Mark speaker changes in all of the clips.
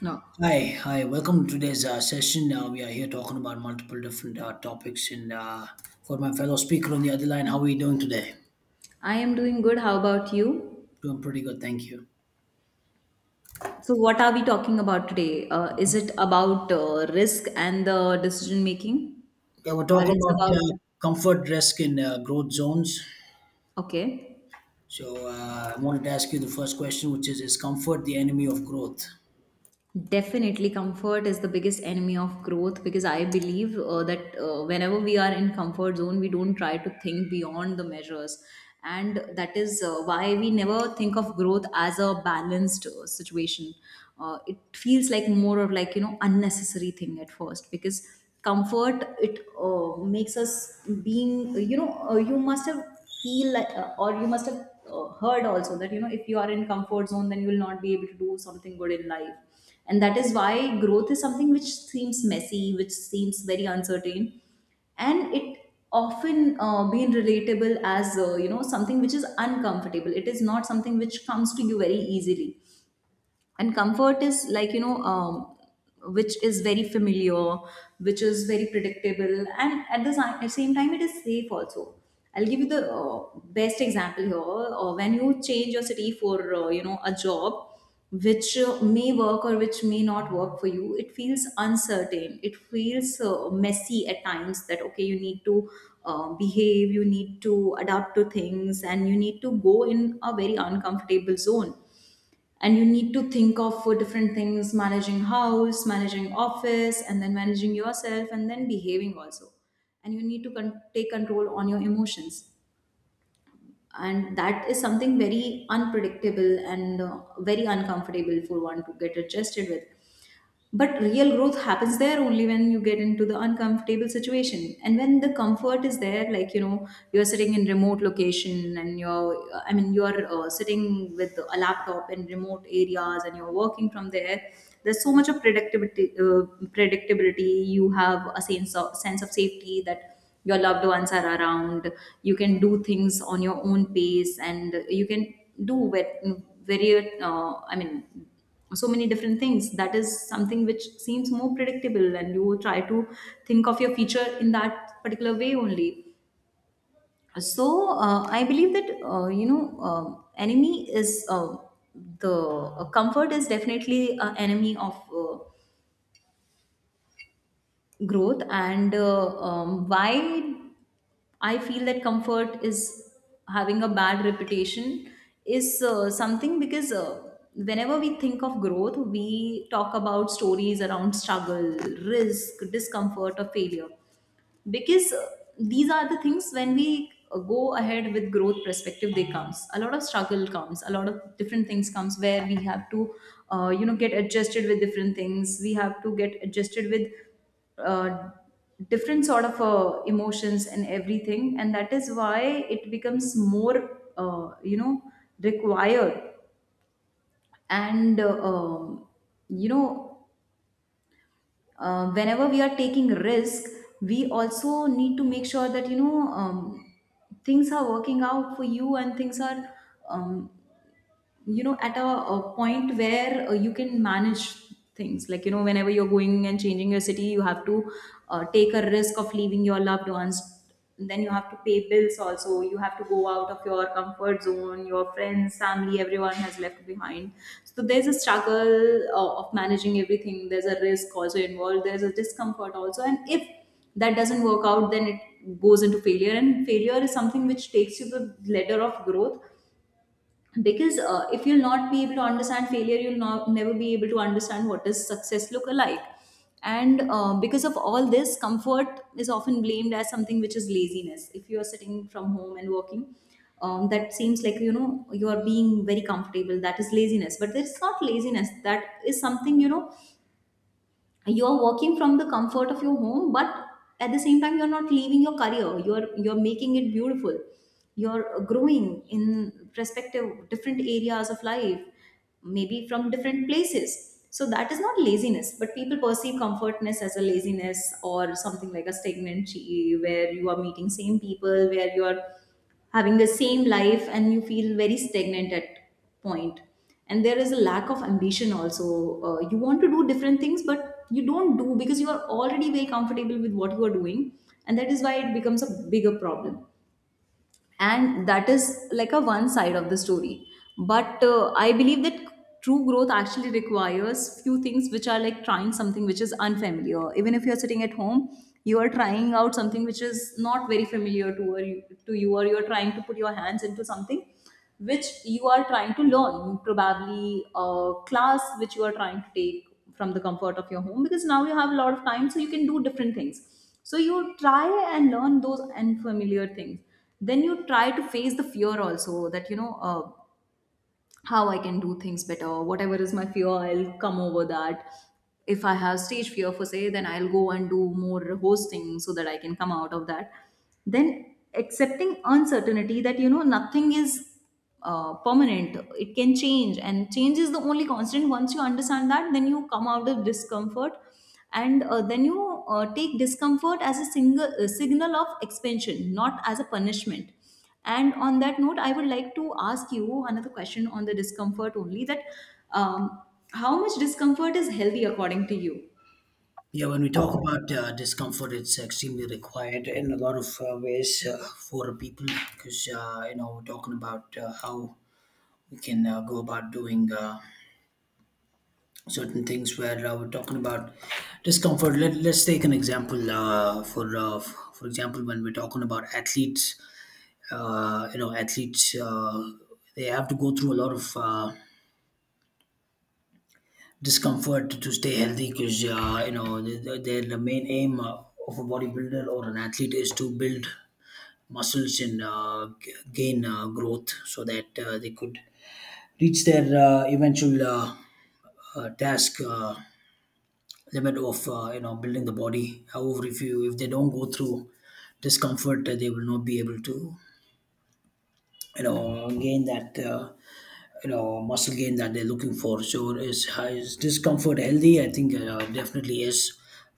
Speaker 1: No,
Speaker 2: Hi, hi. Welcome to today's session. We are here talking about multiple different topics, and got my fellow speaker on the other line. How are you doing today?
Speaker 1: I am doing good. How about you?
Speaker 2: Doing pretty good, thank you.
Speaker 1: So, what are we talking about today? Is it about risk and the decision making,
Speaker 2: Yeah, we're
Speaker 1: or
Speaker 2: talking
Speaker 1: it's
Speaker 2: about
Speaker 1: about
Speaker 2: comfort, risk, and growth zones.
Speaker 1: okay?
Speaker 2: So I wanted to ask you the first question, which is comfort the enemy of growth?
Speaker 1: Definitely, comfort is the biggest enemy of growth because I believe that whenever we are in comfort zone, we don't try to think beyond the measures, and that is why we never think of growth as a balanced situation. It feels like more of like unnecessary thing at first because comfort it makes us being you must have feel like, or you must have heard also that if you are in comfort zone, then you will not be able to do something good in life, and that is why growth is something which seems messy, which seems very uncertain, and it often being relatable as something which is uncomfortable. It is not something which comes to you very easily, and comfort is like which is very familiar, which is very predictable, and at at same time it is safe also. I'll give you the best example here. When you change your city for a job which may work or which may not work for you, it feels uncertain, it feels messy at times that okay, you need to behave, you need to adapt to things, and you need to go in a very uncomfortable zone. And you need to think of for different things, managing house, managing office, and then managing yourself, and then behaving also. And you need to take control on your emotions, and that is something very unpredictable and very uncomfortable for one to get adjusted with. But real growth happens there only when you get into the uncomfortable situation. And when the comfort is there, like, you know, you're sitting in remote location and you're sitting with a laptop in remote areas and you're working from there. There's so much of predictability, predictability. You have a sense sense of safety that your loved ones are around, you can do things on your own pace and you can do ve- very I mean so many different things. That is something which seems more predictable and you try to think of your future in that particular way only. So I believe that uh, enemy is the comfort is definitely an enemy of uh, growth. And why I feel that comfort is having a bad reputation is something, because whenever we think of growth, we talk about stories around struggle, risk, discomfort, or failure. Because these are the things when we go ahead with growth perspective, they comes a lot of struggle, comes a lot of different things, comes where we have to get adjusted with different things. We have to get adjusted with uh, different sort of emotions and everything, and that is why it becomes more required. And you know whenever we are taking risk, we also need to make sure that things are working out for you and things are um, at a point where you can manage things, like whenever you're going and changing your city, you have to take a risk of leaving your loved ones. And then you have to pay bills also, you have to go out of your comfort zone, your friends, family, everyone has left behind. So there's a struggle of managing everything, there's a risk also involved, there's a discomfort also, and if that doesn't work out, then it goes into failure, and failure is something which takes you the ladder of growth. Because if you'll not be able to understand failure, you'll not, never be able to understand what is success look alike. And because of all this, comfort is often blamed as something which is laziness. If you are sitting from home and working, that seems like you are being very comfortable, that is laziness, but it's not laziness. That is something, you are working from the comfort of your home, but at the same time you're not leaving your career, you're making it beautiful, you're growing in perspective different areas of life, maybe from different places. So that is not laziness, but people perceive comfortness as a laziness, or something like a stagnant where you are meeting same people, where you are having the same life, and you feel very stagnant at point. And there is a lack of ambition also. You want to do different things but you don't do because you are already very comfortable with what you are doing, and that is why it becomes a bigger problem. And that is like a one side of the story. But I believe that true growth actually requires few things, which are like trying something which is unfamiliar. Even if you're sitting at home, you are trying out something which is not very familiar to you, or you're trying to put your hands into something which you are trying to learn, probably a class which you are trying to take from the comfort of your home, because now you have a lot of time, so you can do different things, so you try and learn those unfamiliar things. Then you try to face the fear also, that how I can do things better. Whatever is my fear, I'll come over that. If I have stage fear for say, then I'll go and do more hosting so that I can come out of that. Then accepting uncertainty that nothing is permanent. It can change, and change is the only constant. Once you understand that, then you come out of discomfort, and then you take discomfort as a signal of expansion, not as a punishment. And on that note, I would like to ask you another question on the discomfort only, that um, how much discomfort is healthy according to you?
Speaker 2: Yeah, when we talk about discomfort, it's extremely required in a lot of ways for people because we're talking about how we can go about doing. Certain things where we're talking about discomfort. Let's take an example for for example when we're talking about athletes. Athletes they have to go through a lot of discomfort to stay healthy because the main aim of a bodybuilder or an athlete is to build muscles and gain growth so that they could reach their eventual task. Limit of building the body. However, if you, if they don't go through discomfort they will not be able to gain that muscle gain that they're looking for. So is discomfort healthy? I think definitely is.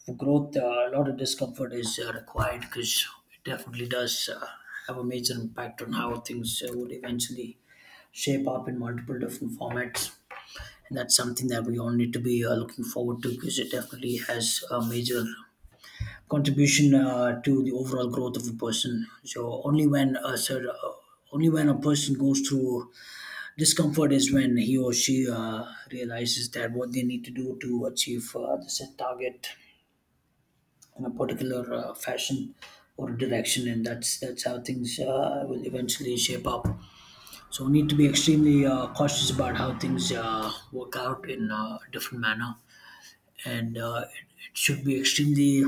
Speaker 2: For growth a lot of discomfort is required because it definitely does have a major impact on how things would eventually shape up in multiple different formats, and that's something that we all need to be looking forward to because it definitely has a major contribution to the overall growth of a person. So only when a only when a person goes through discomfort is when he or she realizes that what they need to do to achieve the set target in a particular fashion or direction, and that's how things will eventually shape up. So we need to be extremely cautious about how things work out in a different manner, and it should be extremely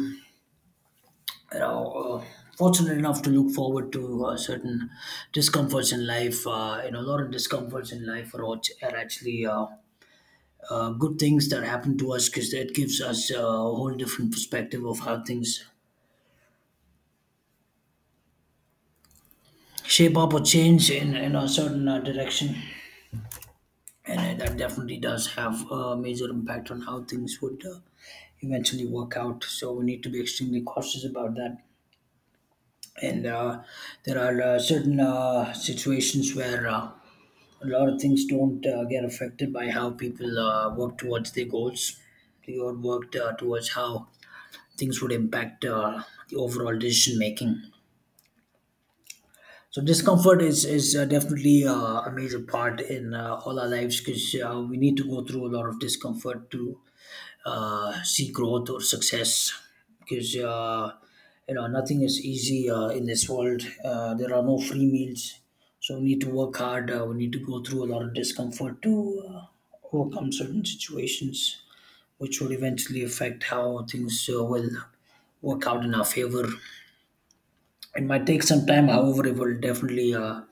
Speaker 2: you know, uh, fortunate enough to look forward to certain discomforts in life. A lot of discomforts in life are actually good things that happen to us because that gives us a whole different perspective of how things shape up or change in a certain direction. And that definitely does have a major impact on how things would eventually work out. So we need to be extremely cautious about that. And there are certain situations where a lot of things don't get affected by how people work towards their goals. They all worked towards how things would impact the overall decision making. So discomfort is definitely a major part in all our lives because we need to go through a lot of discomfort to see growth or success because nothing is easy in this world. There are no free meals, so we need to work hard. We need to go through a lot of discomfort to uh, overcome certain situations, which will eventually affect how things will work out in our favor. It might take some time, however, it will definitely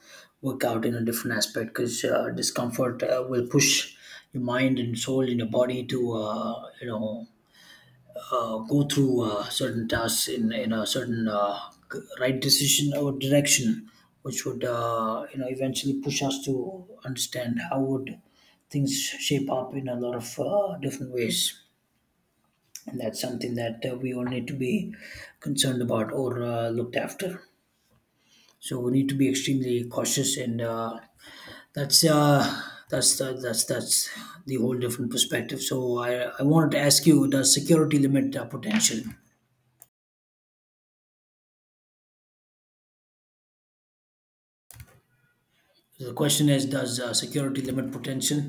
Speaker 2: work out in a different aspect because discomfort will push your mind and soul and your body to go through certain tasks in a certain right decision or direction, which would eventually push us to understand how would things shape up in a lot of different ways, and that's something that we all need to be concerned about or looked after. So we need to be extremely cautious, and that's uh, that's the whole different perspective. So I I wanted to ask you, does security limit potential? So the question is, does security limit potential?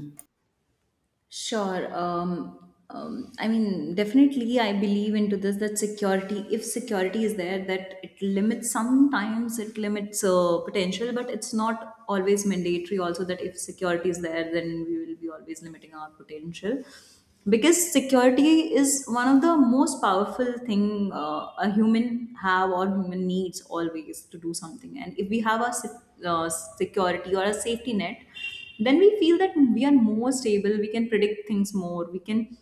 Speaker 1: Sure. I mean, definitely, I believe into this, that security, if security is there, that it limits, sometimes it limits potential, but it's not always mandatory also that if security is there, then we will be always limiting our potential. Because security is one of the most powerful thing a human have or human needs always to do something. And if we have security or a safety net, then we feel that we are more stable, we can predict things more, we can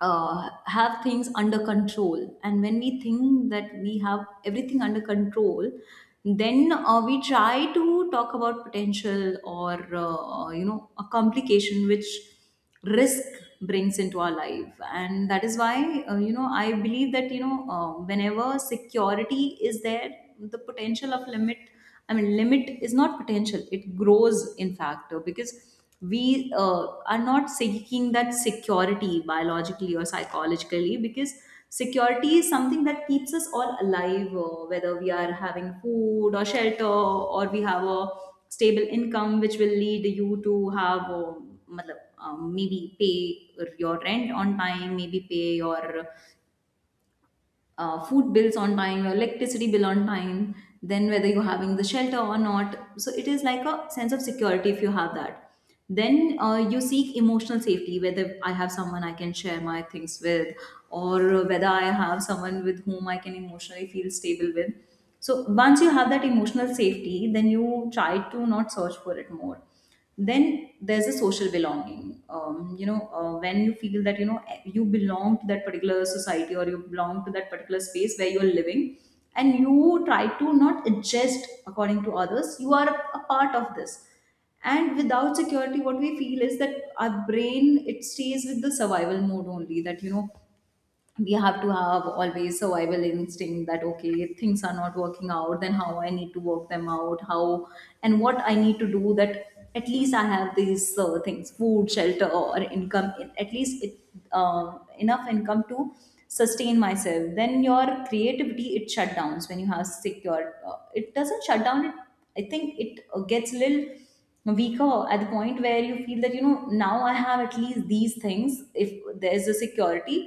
Speaker 1: have things under control. And when we think that we have everything under control, then we try to talk about potential or a complication which risk brings into our life. And that is why I believe that whenever security is there, the potential of limit, I mean, limit is not potential, it grows, in fact, because we are not seeking that security biologically or psychologically, because security is something that keeps us all alive, whether we are having food or shelter, or we have a stable income, which will lead you to have. Matlab, maybe pay your rent on time, maybe pay your food bills on time, your electricity bill on time, then whether you're having the shelter or not. So it is like a sense of security if you have that. Then you seek emotional safety, whether I have someone I can share my things with, or whether I have someone with whom I can emotionally feel stable with. So once you have that emotional safety, then you try to not search for it more. Then there's a social belonging. When you feel that you belong to that particular society, or you belong to that particular space where you are living, and you try to not adjust according to others. You are a part of this. And without security, what we feel is that our brain, it stays with the survival mode only, that we have to have always survival instinct, that okay, if things are not working out, then how I need to work them out, how and what I need to do that. At least I have these things, food, shelter, or income, at least enough income to sustain myself. Then your creativity, it shut downs when you have secure. It doesn't shut down, it, I think it gets little weaker at the point where you feel that now I have at least these things. If there's a security,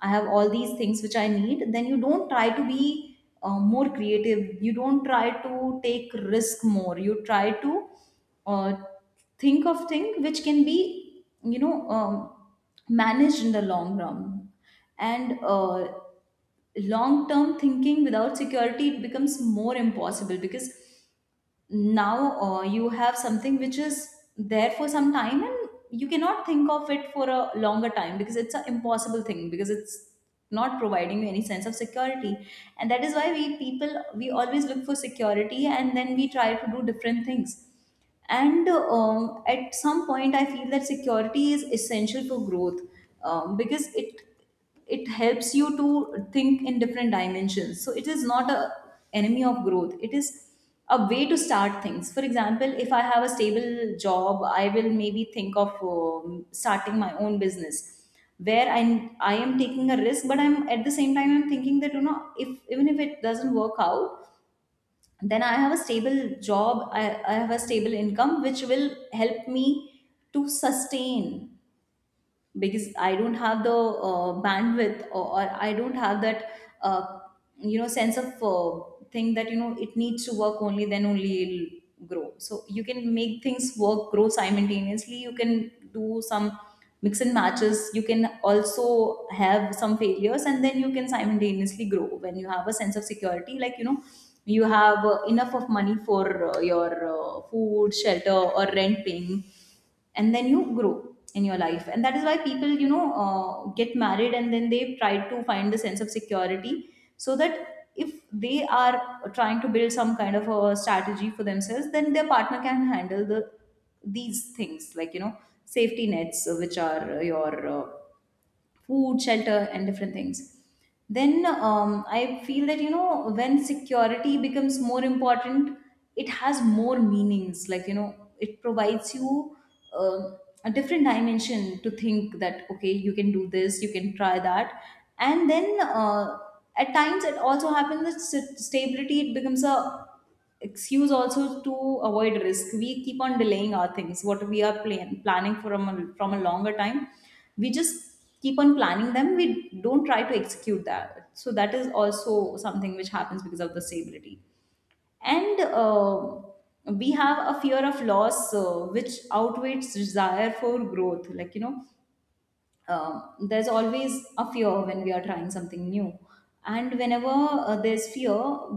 Speaker 1: I have all these things which I need, then you don't try to be more creative, you don't try to take risk more. You try to uh, think of thing which can be, managed in the long run. And Long term thinking without security, it becomes more impossible because now you have something which is there for some time, and you cannot think of it for a longer time because it's an impossible thing, because it's not providing you any sense of security. And that is why we people, we always look for security, and then we try to do different things. And at some point I feel that security is essential for growth, because it helps you to think in different dimensions. So it is not a enemy of growth, it is a way to start things. For example, if I have a stable job, I will maybe think of starting my own business, where I am taking a risk, but I'm at the same time I'm thinking that if even if it doesn't work out, then I have a stable job, I have a stable income which will help me to sustain. Because I don't have the bandwidth, or I don't have that uh, sense of thing that it needs to work only, then only it'll grow. So you can make things work, grow simultaneously. You can do some mix and matches. You can also have some failures, and then you can simultaneously grow when you have a sense of security. Like you have enough of money for your food, shelter, or rent paying, and then you grow in your life. And that is why people, get married and then they try to find the sense of security, so that if they are trying to build some kind of a strategy for themselves, then their partner can handle the these things, like safety nets, which are your food, shelter, and different things. Then I feel that, when security becomes more important, it has more meanings. Like, it provides you um a different dimension to think that, okay, you can do this, you can try that. And then at times it also happens that stability, it becomes a excuse also to avoid risk. We keep on delaying our things what we are planning from from a longer time. We just keep on planning them, we don't try to execute that. So that is also something which happens because of the stability. And We have a fear of loss, which outweighs desire for growth. Like there's always a fear when we are trying something new, and whenever there's fear,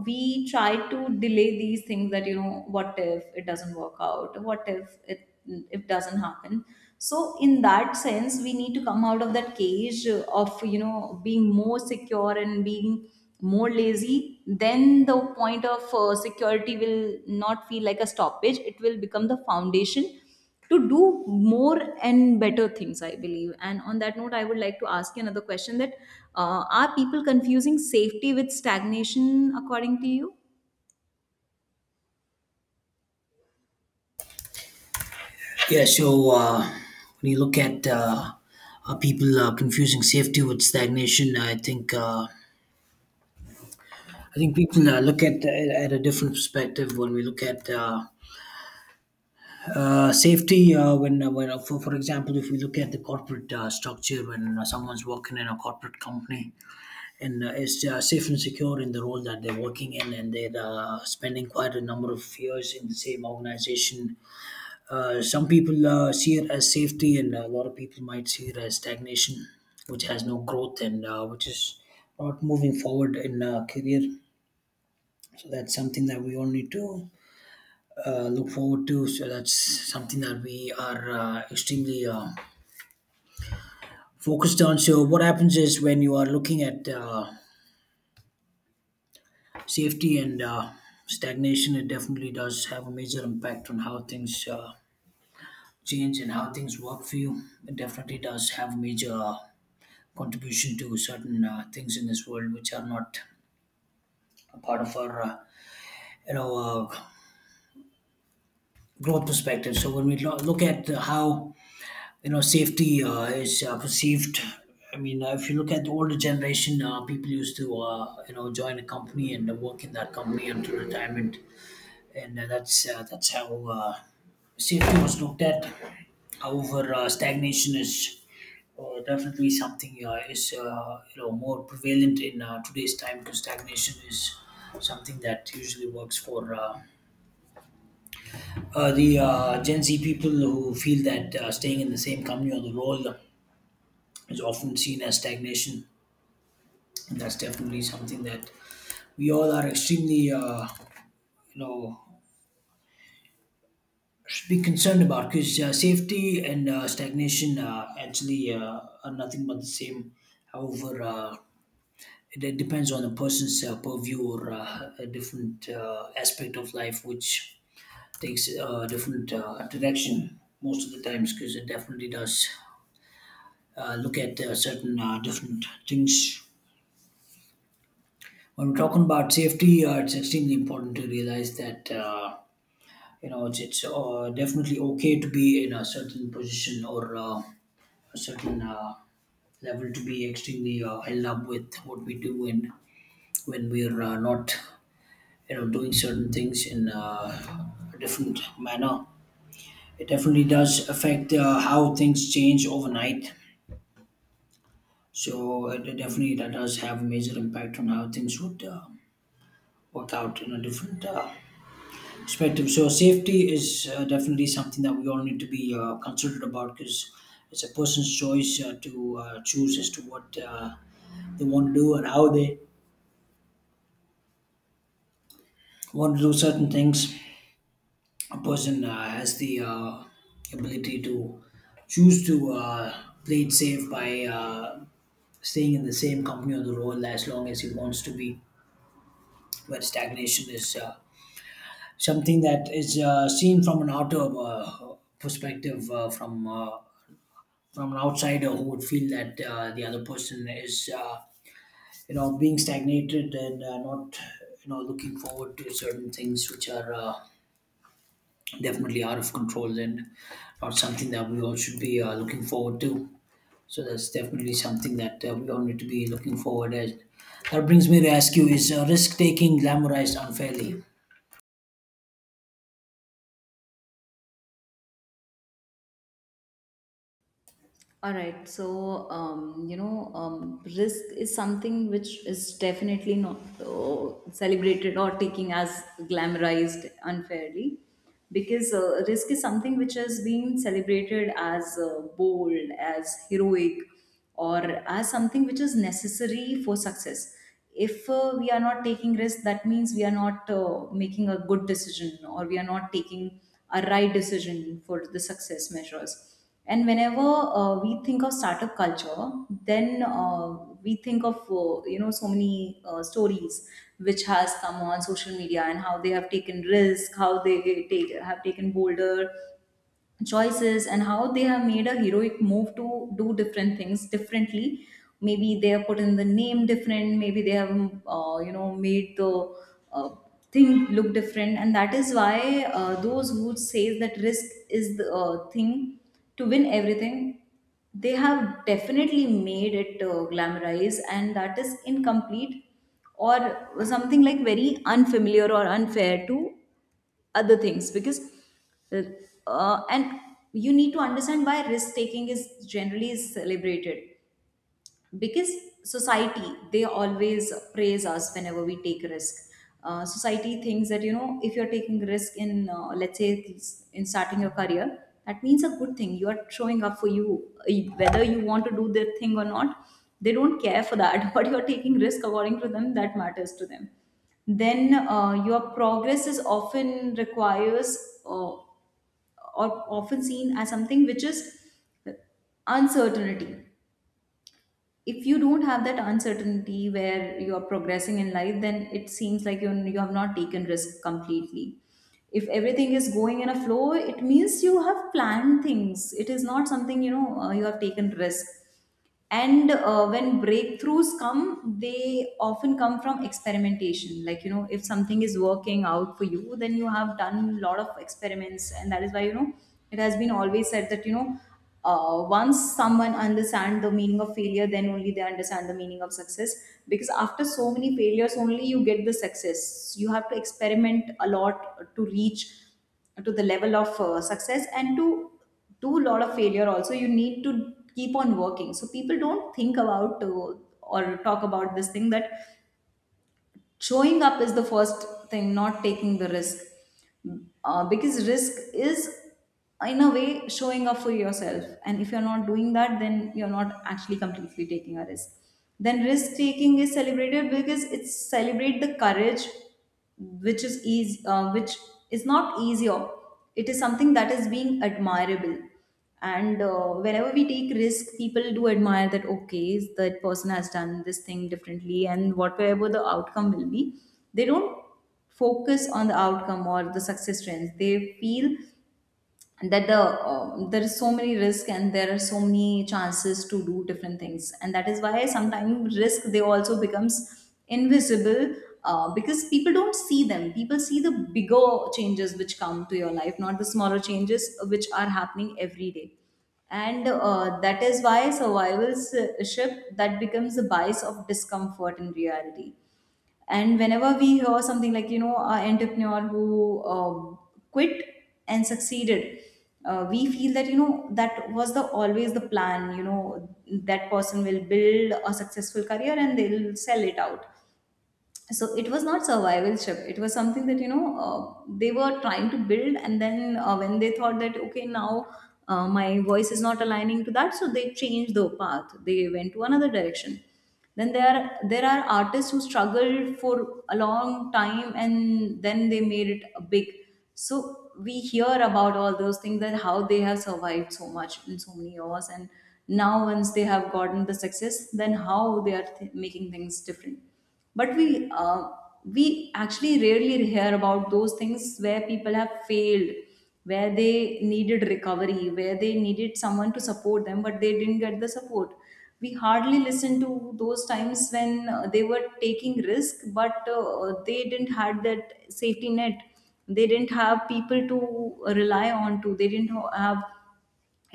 Speaker 1: we try to delay these things, that what if it doesn't work out, what if it, it doesn't happen. So in that sense, we need to come out of that cage of being more secure and being more lazy. Then the point of security will not feel like a stoppage, it will become the foundation to do more and better things, I believe. And on that note, I would like to ask you another question, that are people confusing safety with stagnation, according to you?
Speaker 2: Yeah. So when you look at people confusing safety with stagnation, I think people look at a different perspective when we look at. Safety for example, if we look at the corporate structure, when someone's working in a corporate company and is safe and secure in the role that they're working in, and they're spending quite a number of years in the same organization. Some people see it as safety, and a lot of people might see it as stagnation, which has no growth and which is not moving forward in career. So that's something that we all need to look forward to. So that's something that we are extremely focused on. So what happens is when you are looking at safety and stagnation, it definitely does have a major impact on how things change and how things work for you. It definitely does have a major contribution to certain things in this world which are not a part of our you know uh, growth perspective. So when we look at how safety is perceived, I mean if you look at the older generation, people used to join a company and work in that company until retirement, and that's how safety was looked at. However, stagnation is definitely something is more prevalent in today's time because stagnation is something that usually works for the Gen Z people who feel that staying in the same company or the role is often seen as stagnation, and that's definitely something that we all are extremely you know should be concerned about because safety and stagnation actually are nothing but the same. However, it depends on the person's purview or a different aspect of life, which takes a different direction most of the times because it definitely does look at certain different things. When we're talking about safety, it's extremely important to realize that. You know, it's definitely okay to be in a certain position or a certain level to be extremely held up with what we do. And when we're not doing certain things in a different manner, it definitely does affect how things change overnight. So it definitely that does have a major impact on how things would work out in a different spectrum. So safety is definitely something that we all need to be considerate about because it's a person's choice to choose as to what they want to do and how they want to do certain things. A person has the ability to choose to play it safe by staying in the same company or the role as long as he wants to be. But stagnation is something that is seen from an outer perspective, from an outsider who would feel that the other person is being stagnated and not looking forward to certain things which are definitely out of control and not something that we all should be looking forward to. So that's definitely something that we all need to be looking forward, as that brings me to ask you, is risk taking glamorized unfairly?
Speaker 1: All right, so risk is something which is definitely not celebrated or taken as glamorized unfairly. Because risk is something which has been celebrated as bold, as heroic, or as something which is necessary for success. If we are not taking risks, that means we are not making a good decision, or we are not taking a right decision for the success measures. And whenever we think of startup culture, then we think of so many stories which has come on social media, and how they have taken risk, how they have taken bolder choices, and how they have made a heroic move to do different things differently. Maybe they have put in the name different, maybe they have made the uh, thing look different. And that is why those who say that risk is the thing to win everything, they have definitely made it glamorize, and that is incomplete or something like very unfamiliar or unfair to other things. Because uh, and you need to understand why risk taking is generally is celebrated. Because society, they always praise us whenever we take risk. Society thinks that if you're taking risk in let's say in starting your career, that means a good thing, you are showing up for you. Uh, Whether you want to do the thing or not, they don't care for that what you're taking risk, according to them, that matters to them. Then your progress is often requires uh, or often seen as something which is uncertainty. If you don't have that uncertainty where you are progressing in life, then it seems like you have not taken risk completely. If everything is going in a flow, it means you have planned things, it is not something, you have taken risk. And When breakthroughs come, they often come from experimentation. Like if something is working out for you, then you have done a lot of experiments. And that is why it has been always said that once someone understand the meaning of failure, then only they understand the meaning of success. Because after so many failures only you get the success. You have to experiment a lot to reach to the level of success, and to do a lot of failure also you need to keep on working. So people don't think about or talk about this thing, that showing up is the first thing, not taking the risk. Because risk is in a way showing up for yourself, and if you're not doing that, then you're not actually completely taking a risk. Then risk taking is celebrated because it's celebrate the courage, which is easy, which is not easier. It is something that is being admirable. And whenever we take risk, people do admire that, okay, that person has done this thing differently, and whatever the outcome will be, they don't focus on the outcome or the success trends. They feel that there is so many risk, and there are so many chances to do different things. And that is why sometimes risk, they also becomes invisible, because people don't see them. People see the bigger changes which come to your life, not the smaller changes which are happening every day. And That is why survivalship, that becomes the bias of discomfort in reality. And whenever we hear something like, an entrepreneur who quit and succeeded, we feel that, that was the always the plan, that person will build a successful career and they'll sell it out. So it was not survival trip, it was something that they were trying to build, and then when they thought that okay, now my voice is not aligning to that, so they changed the path, they went to another direction. Then there are artists who struggled for a long time, and then they made it a big. So we hear about all those things, that how they have survived so much in so many years, and now once they have gotten the success, then how they are making things different. But we, we actually rarely hear about those things where people have failed, where they needed recovery, where they needed someone to support them, but they didn't get the support. We hardly listen to those times when they were taking risk, but they didn't had that safety net. They didn't have people to rely on to. They didn't have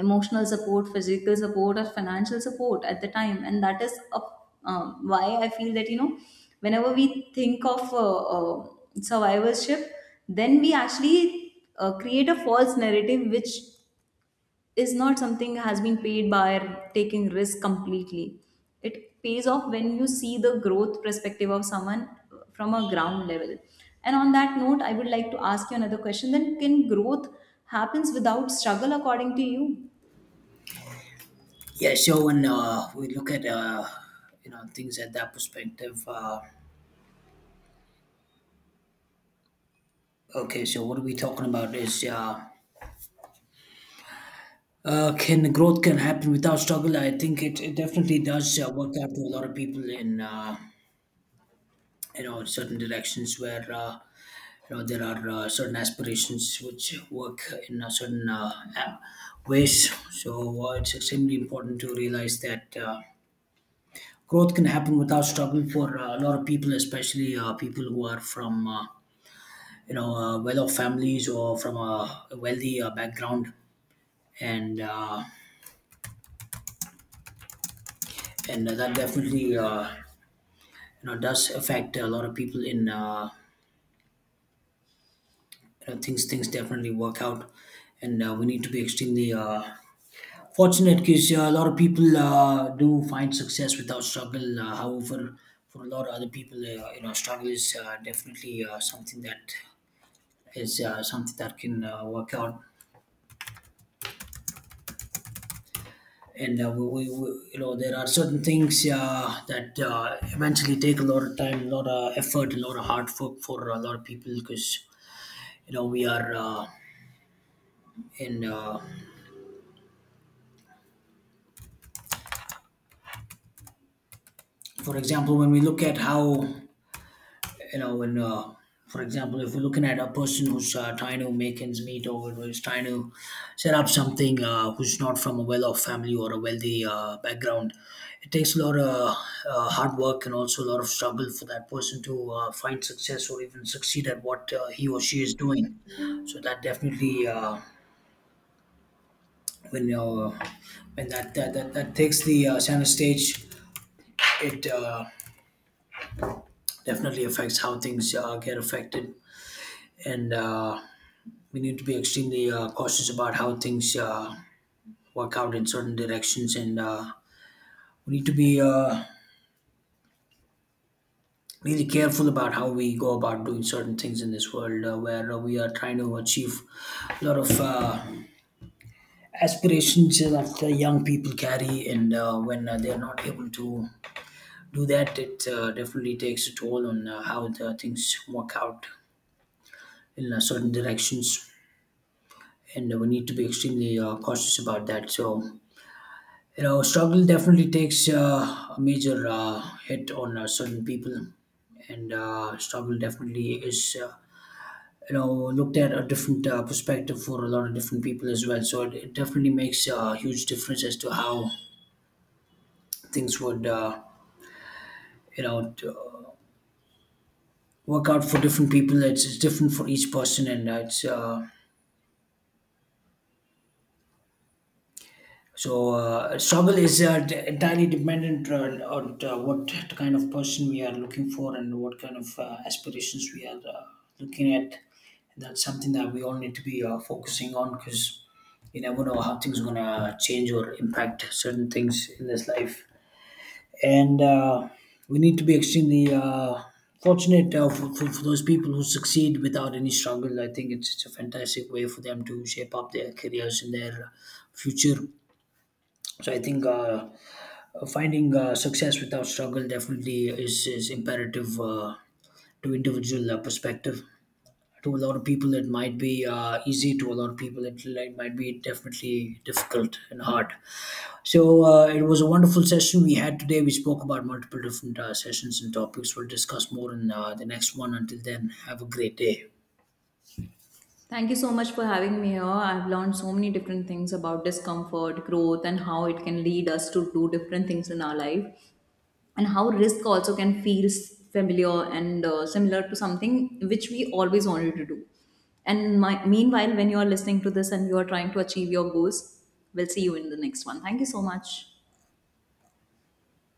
Speaker 1: emotional support, physical support, or financial support at the time. And that is why I feel that whenever we think of survivorship, then we actually create a false narrative, which is not something has been paid by taking risk completely. It pays off when you see the growth perspective of someone from a ground level. And on that note, I would like to ask you another question. Then, can growth happens without struggle, according to you?
Speaker 2: Yeah, so when we look at things at that perspective, okay, so what are we talking about is can growth can happen without struggle? I think it definitely does work out to a lot of people in certain directions where there are certain aspirations which work in a certain a- ways. So it's extremely important to realize that growth can happen without struggle for a lot of people, especially people who are from well-off families or from a wealthy background, and and that definitely. Does affect a lot of people in things definitely work out. And we, need to be extremely fortunate because a lot of people do find success without struggle however for a lot of other people you know struggle is definitely something that is something that can work out and we there are certain things that eventually take a lot of time, a lot of effort, a lot of hard work for a lot of people because we are in for example when we look at how you know when for example, if we're looking at a person who's trying to make ends meet or who's trying to set up something, who's not from a well-off family or a wealthy background, it takes a lot of hard work and also a lot of struggle for that person to find success or even succeed at what he or she is doing. So that definitely when uh, when that that, that that takes the center stage, it definitely affects how things get affected. And we need to be extremely cautious about how things work out in certain directions, and we need to be really careful about how we go about doing certain things in this world where we are trying to achieve a lot of aspirations that the young people carry. And when they are not able to do that, it definitely takes a toll on how the things work out in certain directions, and we need to be extremely cautious about that. So you know, struggle definitely takes a major hit on certain people, and struggle definitely is, looked at a different perspective for a lot of different people as well. So it definitely makes a huge difference as to how things would, you know, t- work out for different people. It's different for each person, and it's So struggle is entirely dependent on, on what kind of person we are looking for and what kind of aspirations we are looking at. That's something that we all need to be focusing on because you never know how things are gonna change or impact certain things in this life. And we need to be extremely fortunate for those people who succeed without any struggle. I think it's a fantastic way for them to shape up their careers and their future. So I think finding success without struggle definitely is imperative to individual perspective. To a lot of people, it might be easy. To a lot of people, it might be definitely difficult and hard. So it was a wonderful session we had today. We spoke about multiple different sessions and topics. We'll discuss more in the next one. Until then, have a great day.
Speaker 1: Thank you so much for having me here. I've learned so many different things about discomfort, growth, and how it can lead us to do different things in our life. And how risk also can feel familiar and similar to something which we always wanted to do. And my, meanwhile, when you are listening to this and you are trying to achieve your goals, we'll see you in the next one. Thank you so much.